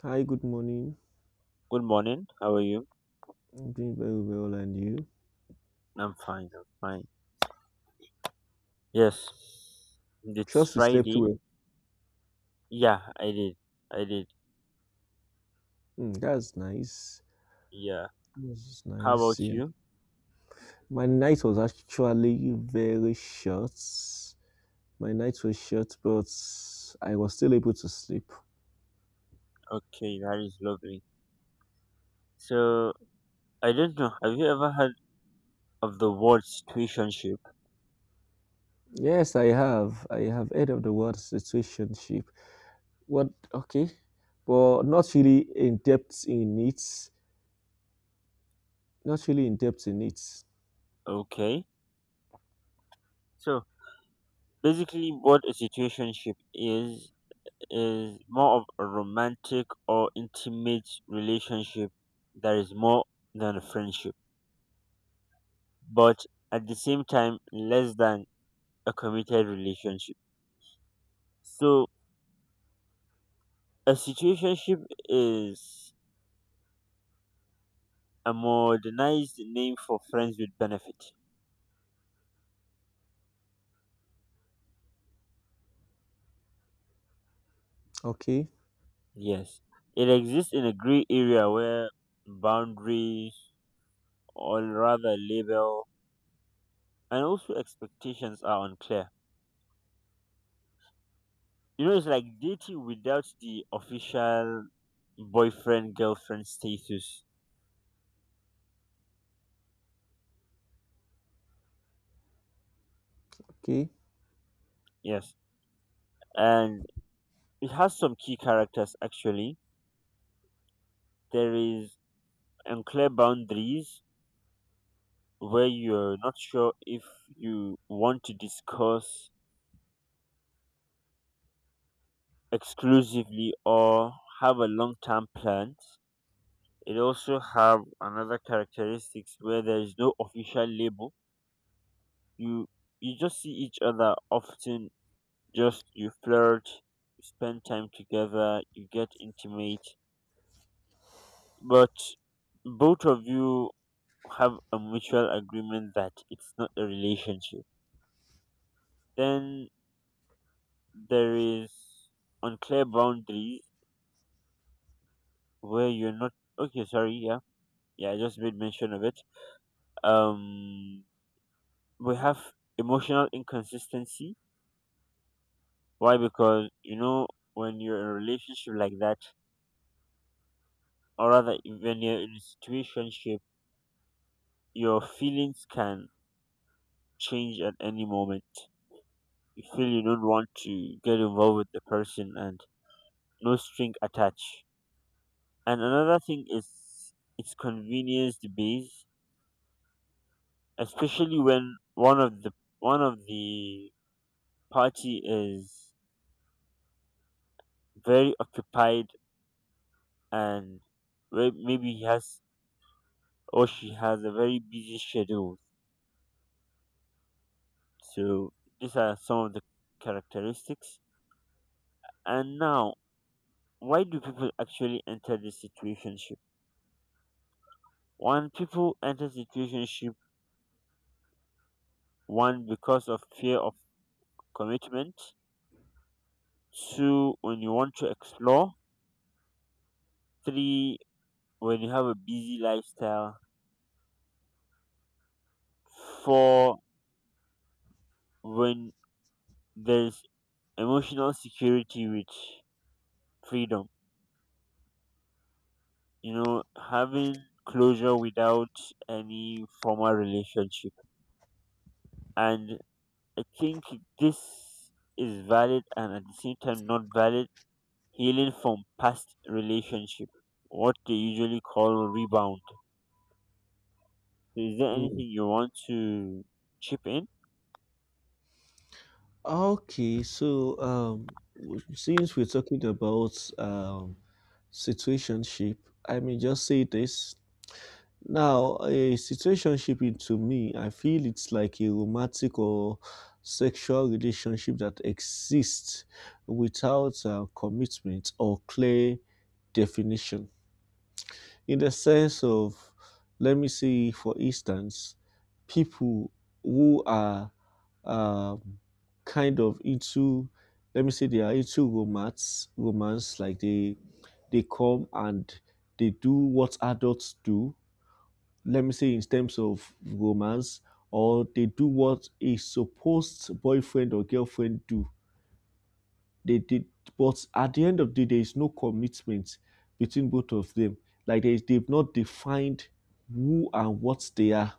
Hi, good morning. Good morning. How are you? I'm doing very well, and you? I'm fine. I'm fine. Yes, it's Trust you slept Friday. well. Yeah, I did. I did. That's nice. Yeah. That's How nice. about Yeah. you? My night was actually very short. My night was short, but I was still able to sleep. Okay, that is lovely. So, I don't know. Have you ever heard of the word situationship? Yes, I have. I have heard of the word situationship. What? Okay, but not really in depth in it. Not really in depth in it. Okay. So, basically, what a situationship is more of a romantic or intimate relationship that is more than a friendship, but at the same time, less than a committed relationship. So a situationship is a modernized name for friends with benefit. Okay. Yes. It exists in a gray area where boundaries, or rather label, and also expectations are unclear. You know, it's like dating without the official boyfriend girlfriend status. Okay. Yes. And it has some key characters actually. There is unclear boundaries where you're not sure if you want to discuss exclusively or have a long-term plan. It also have another characteristics where there is no official label. You you just see each other often. Just you flirt, you spend time together, you get intimate, but both of you have a mutual agreement that it's not a relationship. Then there is unclear boundaries where you're not okay, sorry, yeah. Yeah, I just made mention of it. um we have emotional inconsistency. Why? Because, you know, when you're in a relationship like that, or rather when you're in a situationship, your feelings can change at any moment. You feel you don't want to get involved with the person and no string attached. And another thing is it's convenience based, especially when one of the party is very occupied, and where maybe he has or she has a very busy schedule. So these are some of the characteristics. And now, why do people actually enter the situationship? One, people enter situationship one because of fear of commitment. Two, when you want to explore. Three, when you have a busy lifestyle. Four, when there's emotional security, which freedom, you know, having closure without any formal relationship. And I think this is valid and at the same time not valid. Healing from past relationship, what they usually call rebound. So is there Hmm. anything you want to chip in? Okay, so since we're talking about um, situationship, I may just say this. Now, a situationship to me, I feel it's like a romantic or sexual relationship that exists without commitment or clear definition, in the sense of, let me say, for instance, people who are um, kind of into, let me say, they are into romance, like they come and they do what adults do. Let me say, in terms of romance, or they do what a supposed boyfriend or girlfriend do, they did, but at the end of the day, there is no commitment between both of them, like they've not defined who and what they are.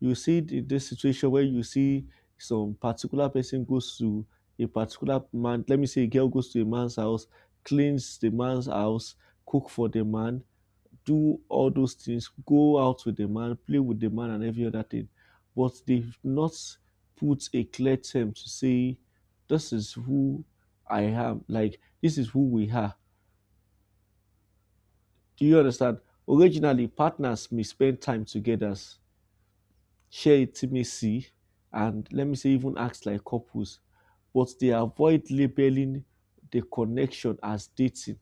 You see this situation where you see some particular person goes to a particular man. Let me say a girl goes to a man's house, cleans the man's house, cook for the man, do all those things, go out with the man, play with the man, and every other thing. But they've not put a clear term to say, this is who I am, like, this is who we are. Do you understand? Originally, partners may spend time together, share intimacy, and let me say, even act like couples, but they avoid labeling the connection as dating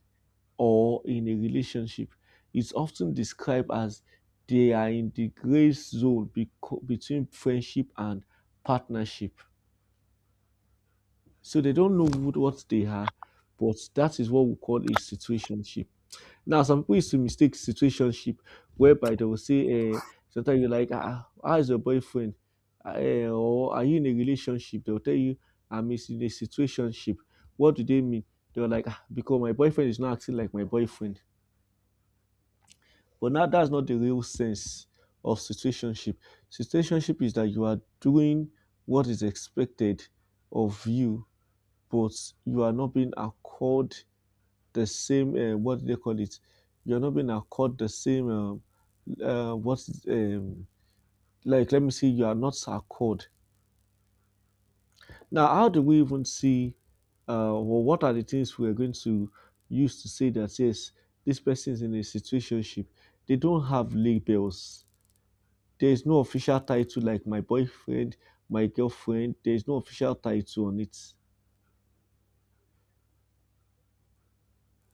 or in a relationship. It's often described as they are in the gray zone, between friendship and partnership. So they don't know what they are, but that is what we call a situationship. Now, some people used to mistake situationship whereby they will say, sometimes you're like, ah, how is your boyfriend? Ah, or are you in a relationship? They'll tell you, I'm in a situationship. What do they mean? They're like, ah, because my boyfriend is not acting like my boyfriend. But now that's not the real sense of situationship. Situationship is that you are doing what is expected of you, but you are not being accorded the same what do they call it? You are not being accorded the same what like let me see. You are not accorded. Now, how do we even see? Well, what are the things we are going to use to say that yes, this person is in a situationship? They don't have labels. There is no official title like my boyfriend, my girlfriend. There is no official title on it.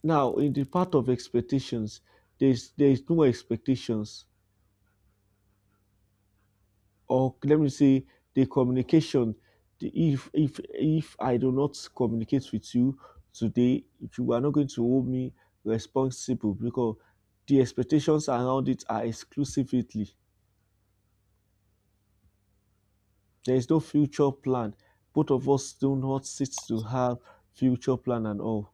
Now, in the part of expectations, there is no expectations, or let me say, the communication. The, if I do not communicate with you today, you are not going to hold me responsible, because the expectations around it are exclusively. There is no future plan. Both of us do not sit to have future plan and all.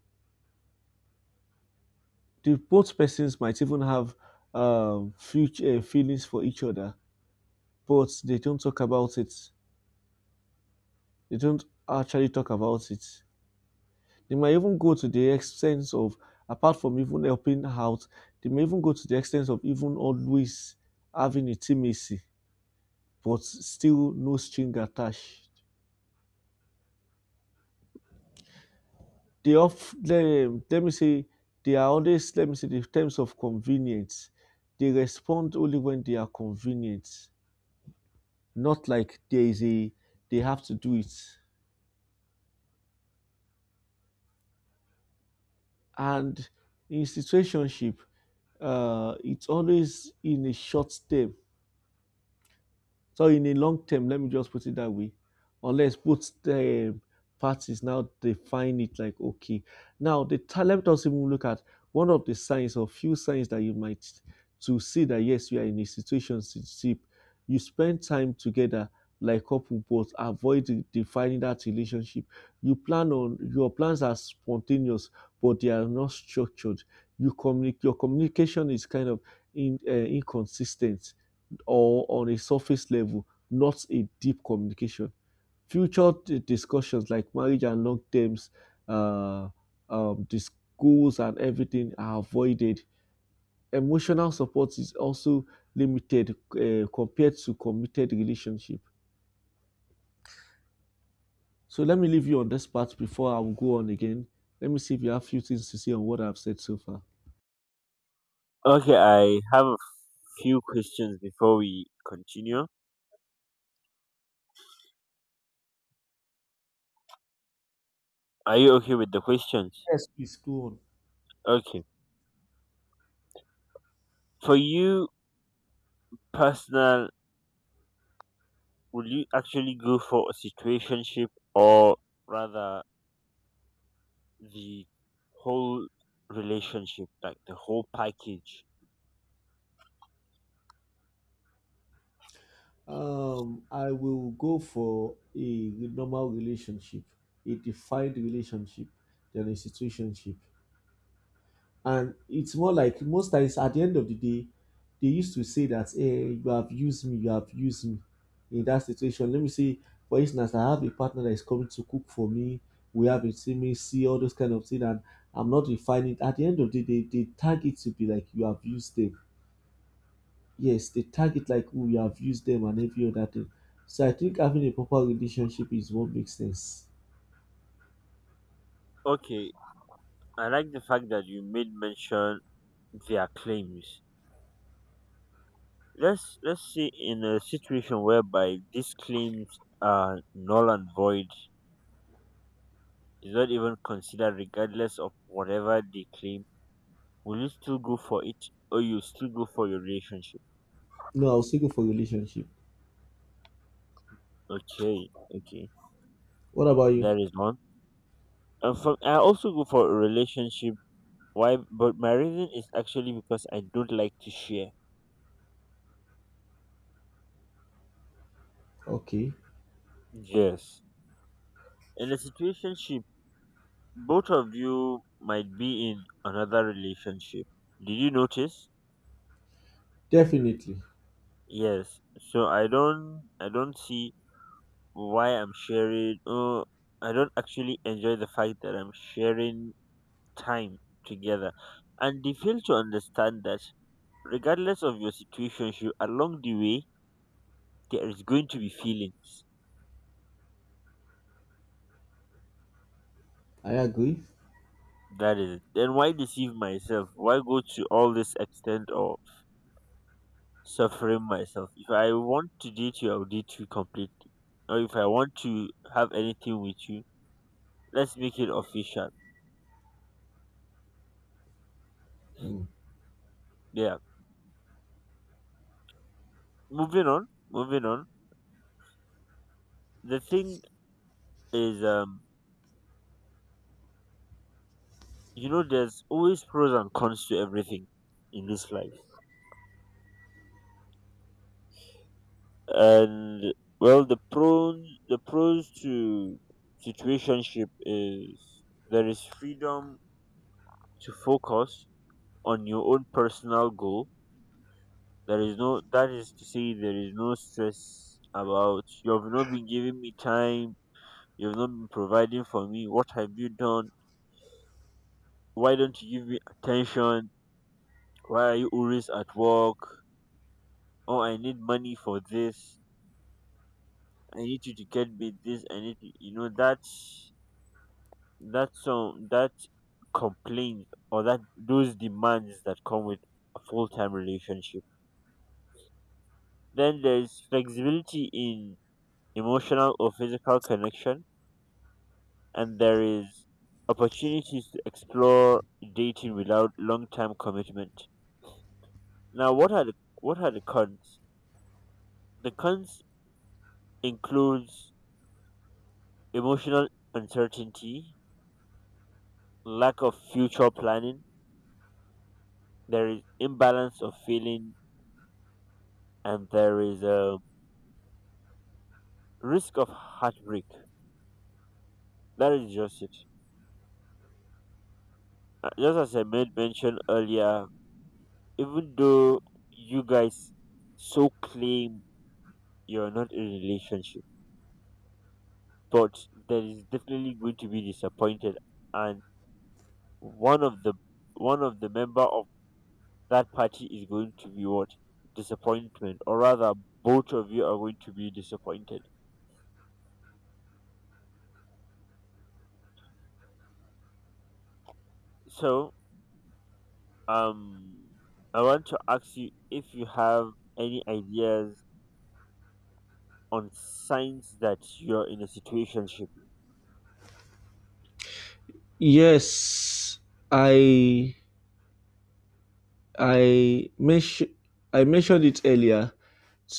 The both persons might even have future feelings for each other, but they don't talk about it. They don't actually talk about it. They might even go to the extent of, apart from even helping out, they may even go to the extent of even always having intimacy, but still no string attached. They of them, let me say, they are always, let me say, in terms of convenience, they respond only when they are convenient. Not like there is a, they have to do it. And in situationship, it's always in a short term. So in the long term, let me just put it that way. Unless both the parties now define it, like okay. Now, the let us even look at one of the signs or few signs that you might to see that yes, you are in a situation ship. You spend time together like couple, but avoid defining that relationship. Your plans are spontaneous, but they are not structured. Your communication is kind of in inconsistent or on a surface level, not a deep communication. Future discussions like marriage and long terms, uh, the schools and everything are avoided. Emotional support is also limited compared to committed relationship. So let me leave you on this part before I will go on again. Let me see if you have a few things to say on what I've said so far. Okay, I have a few questions before we continue. Are you okay with the questions? Yes, please go on. Okay. For you, personal, will you actually go for a situationship, or rather the whole relationship, like the whole package? I will go for a normal relationship, a defined relationship, than a situationship. And it's more like most times at the end of the day, they used to say that, hey, you have used me, you have used me in that situation. Let me say, for instance, I have a partner that is coming to cook for me. We have intimacy, all those kind of things, and I'm not refining. At the end of the day, they tag it to be like you have used them, yes, they tag it like we have used them and every other thing. So I think having a proper relationship is what makes sense. Okay, I like the fact that you made mention their claims. Let's say in a situation whereby these claims are null and void, is not even considered regardless of whatever they claim. Will you still go for it or you still go for your relationship? No, I'll still go for relationship. Okay, okay. What about you? That is one. And from. I also go for a relationship. Why? But my reason is actually because I don't like to share. Okay, Yes. In a situationship, both of you might be in another relationship. Did you notice? definitely, Yes. So I don't. I don't see why I'm sharing. Oh, I don't actually enjoy the fact that I'm sharing time together, and they fail to understand that regardless of your situationship, along the way there is going to be feelings. I agree. That is it. Then why deceive myself? Why go to all this extent of suffering myself? If I want to date you, I'll date you completely. Or if I want to have anything with you, let's make it official. Mm. Yeah. Moving on. Moving on. The thing is, you know, there's always pros and cons to everything in this life, and well, the pros to situationship is there is freedom to focus on your own personal goal. There is no, that is to say, there is no stress about you have not been giving me time, you have not been providing for me. What have you done? Why don't you give me attention? Why are you always at work? Oh, I need money for this. I need you to get me this. I need you, you know, that that some that complaint, or that those demands that come with a full time relationship. Then there's flexibility in emotional or physical connection, and there is opportunities to explore dating without long-term commitment. Now, what are the cons? The cons includes emotional uncertainty, lack of future planning, there is imbalance of feeling, and there is a risk of heartbreak. That is just it. Just as I made mention earlier, even though you guys so claim you're not in a relationship, but there is definitely going to be disappointed, and one of the one of the member of that party is going to be what, disappointment, or rather both of you are going to be disappointed. So um I want to ask you if you have any ideas on signs that you're in a situationship. Yes, I I mentioned I mentioned it earlier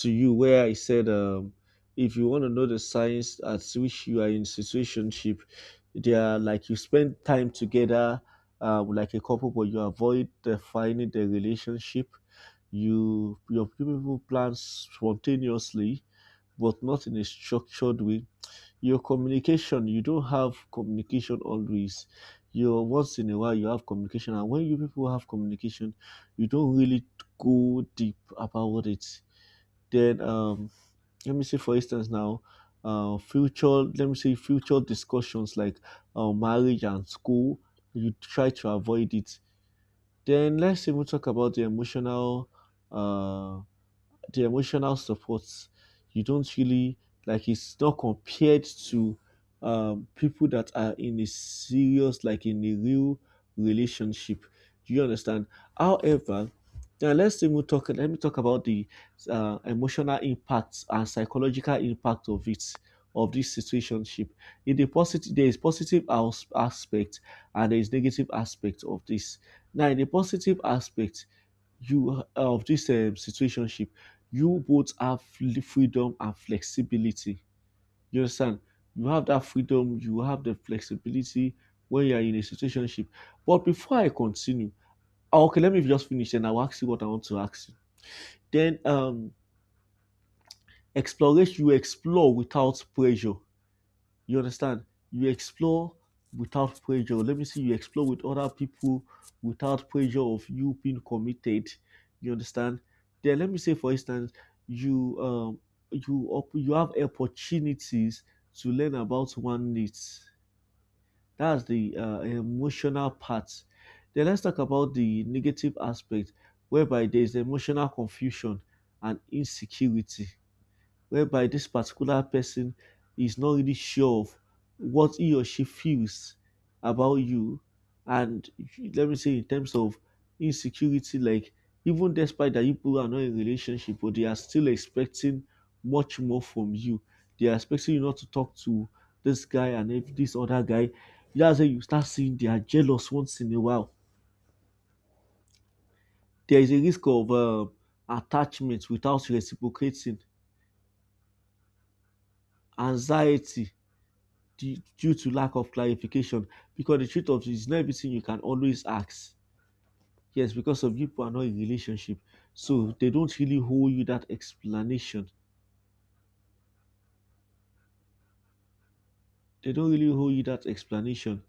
to you where I said if you want to know the signs at which you are in situationship, they are like you spend time together like a couple, but you avoid defining the relationship. Your people plan spontaneously, but not in a structured way. Your communication, you don't have communication always. You once in a while you have communication, and when you people have communication, you don't really go deep about it. Then let me say for instance now, future, let me say, future discussions like marriage and school, you try to avoid it. Then let's even talk about uh the emotional support. You don't really, like, it's not compared to people that are in a serious, like in a real relationship. Do you understand? However, now let's even talk, let me talk about the emotional impact and psychological impact of it, of this situationship. In the positive, there is positive aspect, and there is negative aspect of this. Now in the positive aspect, you of this situationship, you both have freedom and flexibility. You understand? You have that freedom, you have the flexibility when you are in a situationship. But before I continue, ah, okay, let me just finish and I'll ask you what I want to ask you. Then exploration, you explore without pressure. You understand? You explore without pressure. Let me see, you explore with other people without pressure of you being committed. You understand? Then let me say, for instance, you um you have opportunities to learn about one needs. That's the emotional part. Then let's talk about the negative aspect, whereby there is emotional confusion and insecurity, whereby this particular person is not really sure of what he or she feels about you. And let me say, in terms of insecurity, like even despite that you people are not in a relationship, but they are still expecting much more from you. They are expecting you not to talk to this guy and if this other guy. That's when you start seeing they are jealous once in a while. There is a risk of attachment without reciprocating, anxiety, due to lack of clarification, because the truth of it is not everything you can always ask. Yes, because some people are not in relationship, so they don't really hold you that explanation. They don't really hold you that explanation.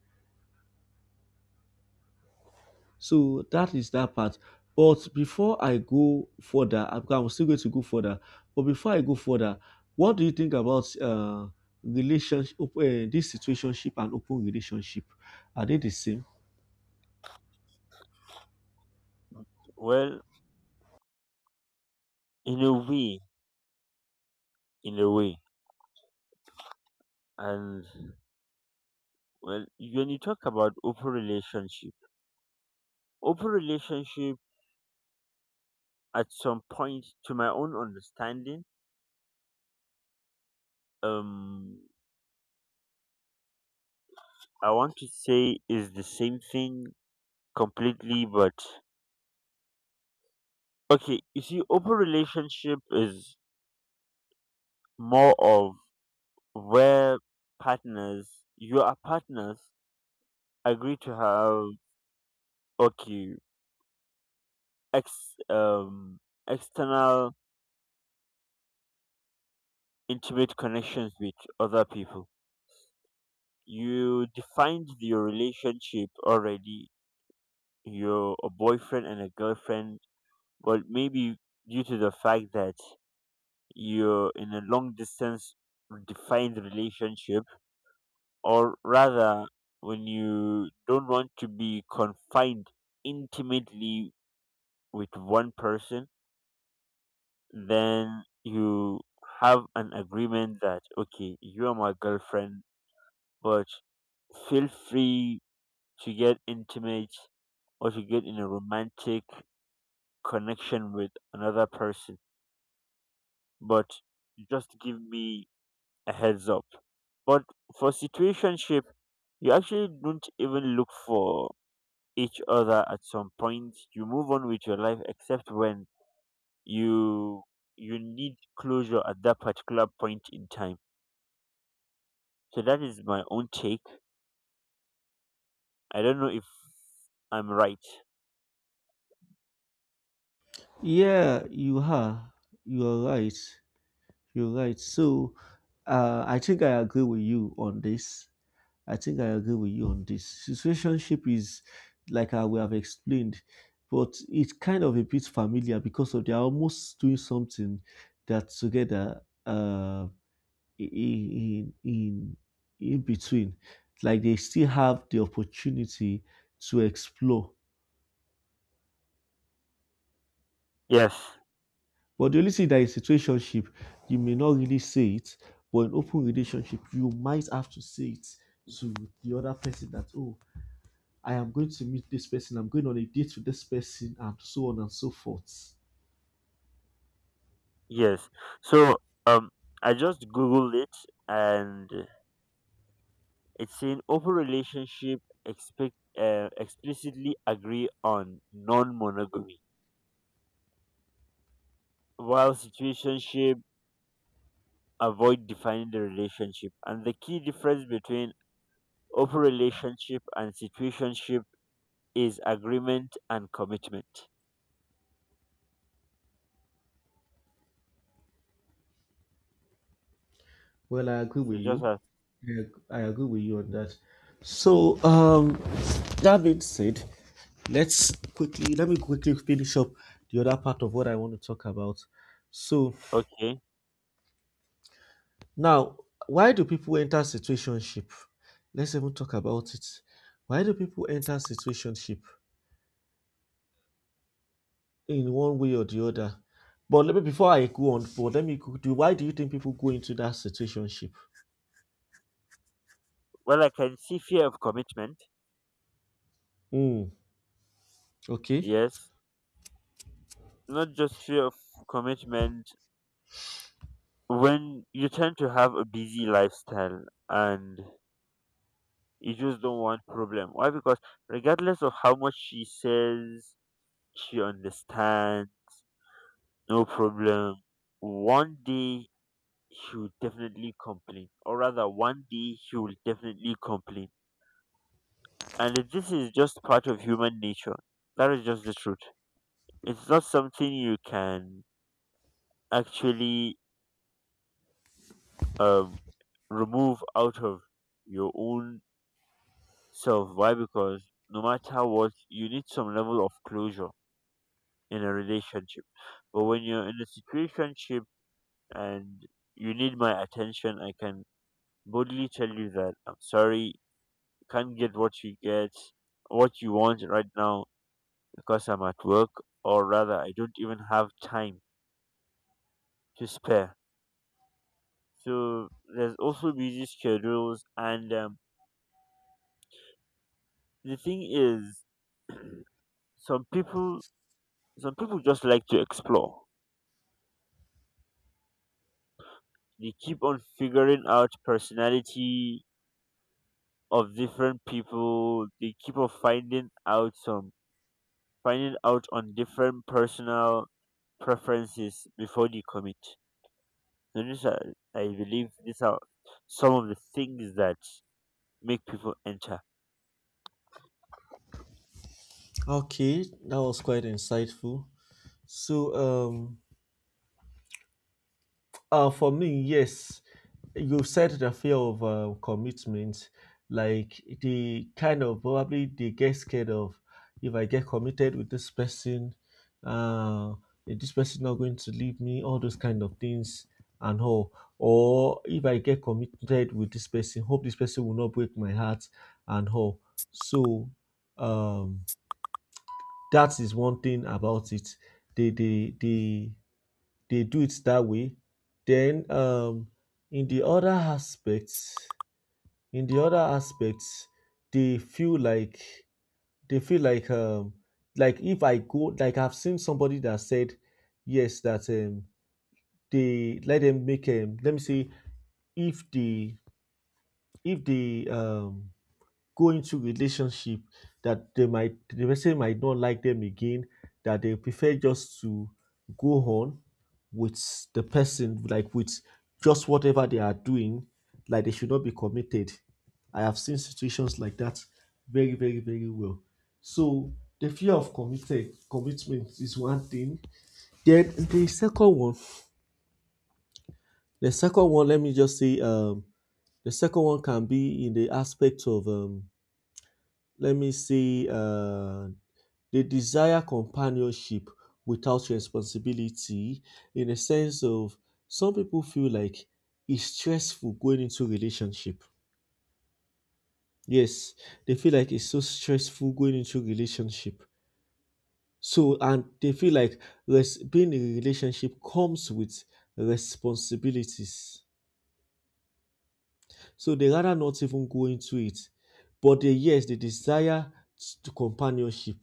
So that is that part. But before I go further, I'm still going to go further. But before I go further, what do you think about relationship, op- uh, this situationship and open relationship? Are they the same? Well in a way in a way. And well, when you talk about open relationship, open relationship at some point, to my own understanding, um I want to say is the same thing completely, but okay, you see open relationship is more of where partners you are partners agree to have, okay, ex um external intimate connections with other people. You defined your relationship already. You're a boyfriend and a girlfriend. Well, maybe due to the fact that you're in a long distance defined relationship, or rather, when you don't want to be confined intimately with one person, then you have an agreement that, okay, you are my girlfriend, but feel free to get intimate or to get in a romantic connection with another person, but just give me a heads up. But for situationship, you actually don't even look for each other at some point. You move on with your life, except when you you need closure at that particular point in time. So that is my own take. I don't know if I'm right. Yeah, you are. You are right. You're right. So I think I agree with you on this. I think I agree with you on this. Situationship is like I we have explained, but it's kind of a bit familiar because of they are almost doing something that together in, in in between, like they still have the opportunity to explore. Yes, But the only thing that in situationship, you may not really say it, but in open relationship, you might have to say it to the other person that, oh, I am going to meet this person, I'm going on a date with this person, and so on and so forth. yes. So, um, I just googled it, and it's saying open relationship expect explicitly agree on non-monogamy, while situationship avoid defining the relationship, and the key difference between open relationship and situationship is agreement and commitment. Well, I agree So with just you. as Yeah, I agree with you on that. So, um, that being said, let me quickly finish up the other part of what I want to talk about. So, okay, Now, why do people enter situationship? Let's even talk about it. Why do people enter situationship in one way or the other? But let me before I go on, but let me go- do why do you think people go into that situationship? well, I can see fear of commitment. Hmm. Okay. Yes, not just fear of commitment. When you tend to have a busy lifestyle, and you just don't want problem. Why? Because regardless of how much she says she understands no problem, one day he will definitely complain, or rather, one day he will definitely complain. And this is just part of human nature. That is just the truth. It's not something you can actually um, remove out of your own self. Why? Because no matter what, you need some level of closure in a relationship. But when you're in a situationship and you need my attention, I can boldly tell you that I'm sorry, can't get, what you want right now, because I'm at work, or rather, I don't even have time to spare. So there's also busy schedules, and the thing is, some people, some people just like to explore. They keep on figuring out personality of different people. They keep on finding out some, finding out on different personal preferences before they commit. So these are, I believe, these are some of the things that make people enter. Okay. That was quite insightful. So um for me, yes, you said the fear of commitment, like the kind of, probably they get scared of, if I get committed with this person, uh, is this person not going to leave me, all those kind of things, and all. Or if I get committed with this person, hope this person will not break my heart, and all. So, um, that is one thing about it. The they do it that way. Then in the other aspects, in the other aspects, they feel like they feel like um, like if I go like I've seen somebody that said yes that, they let them make let me see, if the go into relationship, that the person might not like them again, that they prefer just to go on with the person, like, with just whatever they are doing, like they should not be committed. I have seen situations like that very, very, very well. So the fear of committed commitment is one thing. Then the second one let me just say the second one can be in the aspect of, let me see, they desire companionship without responsibility, in a sense of, some people feel like it's stressful going into relationship. Yes, they feel like it's so stressful going into relationship. So, and they feel like being in a relationship comes with responsibilities. So they rather not even go into it. But they, yes, they desire to companionship.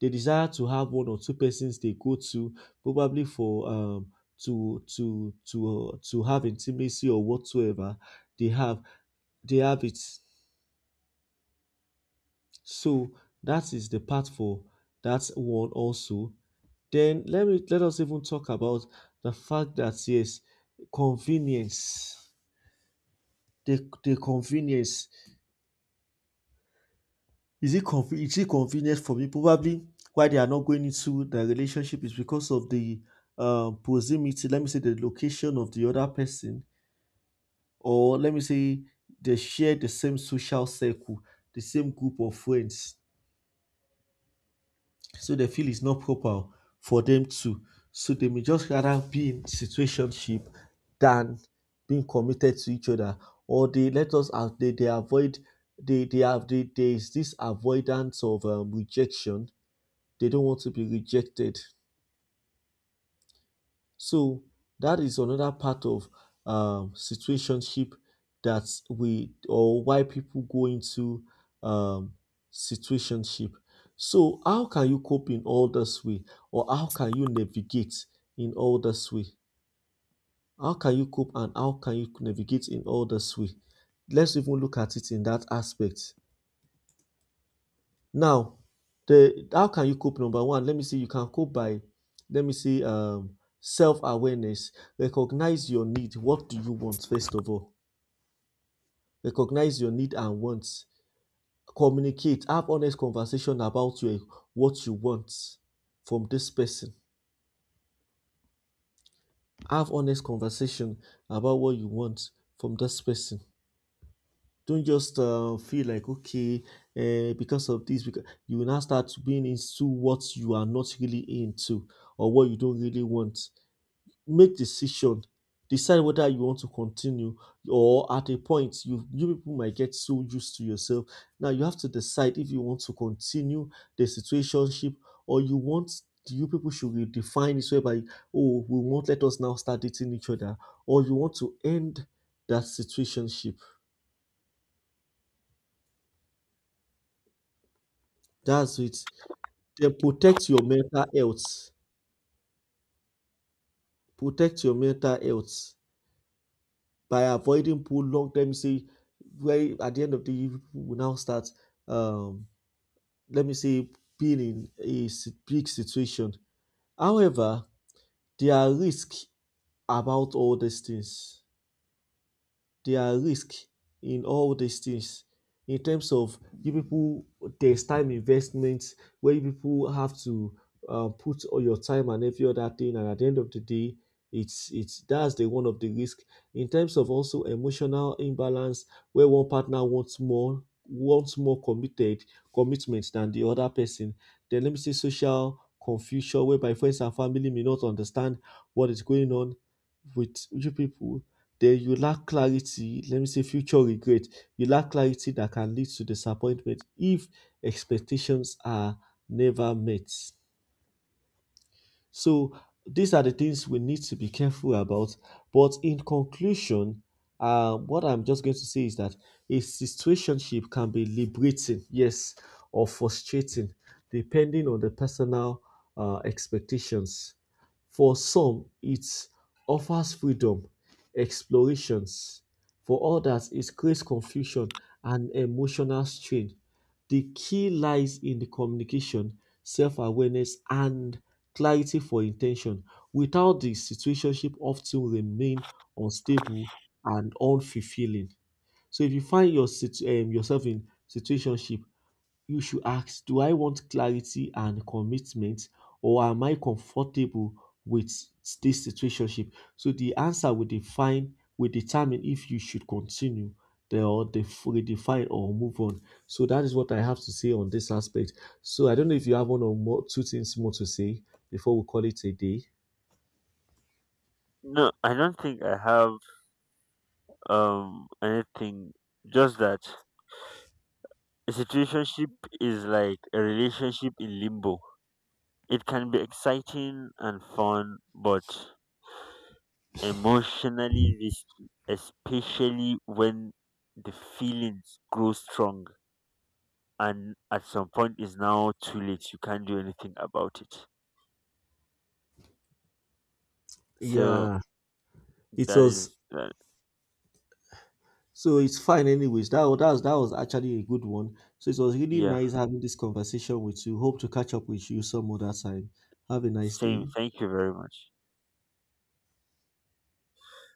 They desire to have one or two persons they go to, probably for to have intimacy or whatsoever they have. They have it. So that is the part for that one also. Then let us even talk about the fact that, yes, convenience. The convenience. Is it is it convenient for me? Probably why they are not going into the relationship is because of the proximity. Let me say, the location of the other person, or let me say, they share the same social circle, the same group of friends. So they feel it's not proper for them to. So they may just rather be in situationship than being committed to each other. Or they let us out. They avoid. There is this avoidance of rejection. They don't want to be rejected. So that is another part of, situationship, that we or why people go into, um, situationship. So how can you cope in all this way, or how can you navigate in all this way? How can you cope and how can you navigate in all this way? Let's even look at it in that aspect. Now, the how can you cope? Number one, let me see. You can cope by, let me see, self awareness. Recognize your need. What do you want first of all? Recognize your need and wants. Communicate. Have honest conversation about your what you want from this person. Have honest conversation about what you want from this person. Don't just feel like, okay, because of this, because you will now start being into what you are not really into, or what you don't really want. Make decision. Decide whether you want to continue, or at a point you people might get so used to yourself. Now you have to decide if you want to continue the situationship, or you want, you people should redefine this way by, oh, we won't let us now start dating each other, or you want to end that situationship. That's it. Then protect your mental health. Protect your mental health by avoiding prolonged, let me say, where at the end of the year, people will now start, um, let me say, being in a big situation. However, there are risks about all these things. There are risks in all these things in terms of you people. There's time investment where you people have to, put all your time and every other thing, and at the end of the day it's that's the one of the risk. In terms of also emotional imbalance where one partner wants more, wants more committed commitment than the other person. Then let me say social confusion, whereby friends and family may not understand what is going on with you people. Then you lack clarity, let me say future regret, you lack clarity that can lead to disappointment if expectations are never met. So these are the things we need to be careful about. But in conclusion, what I'm just going to say is that a situationship can be liberating, yes, or frustrating, depending on the personal expectations. For some, it offers freedom, explorations. For others, it creates confusion and emotional strain. The key lies in the communication, self-awareness and clarity for intention. Without this, situationship often remain unstable and unfulfilling. So if you find your yourself in situationship, you should ask, do I want clarity and commitment, or am I comfortable with this situationship? So the answer will determine if you should continue the, or redefine, or move on. So that is what I have to say on this aspect. So I don't know if you have one or more two things more to say before we call it a day. No, I don't think I have anything. Just that a situationship is like a relationship in limbo. It can be exciting and fun, but emotionally risky, especially when the feelings grow strong and at some point it's now too late. You can't do anything about it. So Yeah, it that was. is that. So it's fine anyways. That was that was actually a good one. So it was really Yeah. nice having this conversation with you. Hope to catch up with you some other time. Have a nice Same. day. Thank you very much.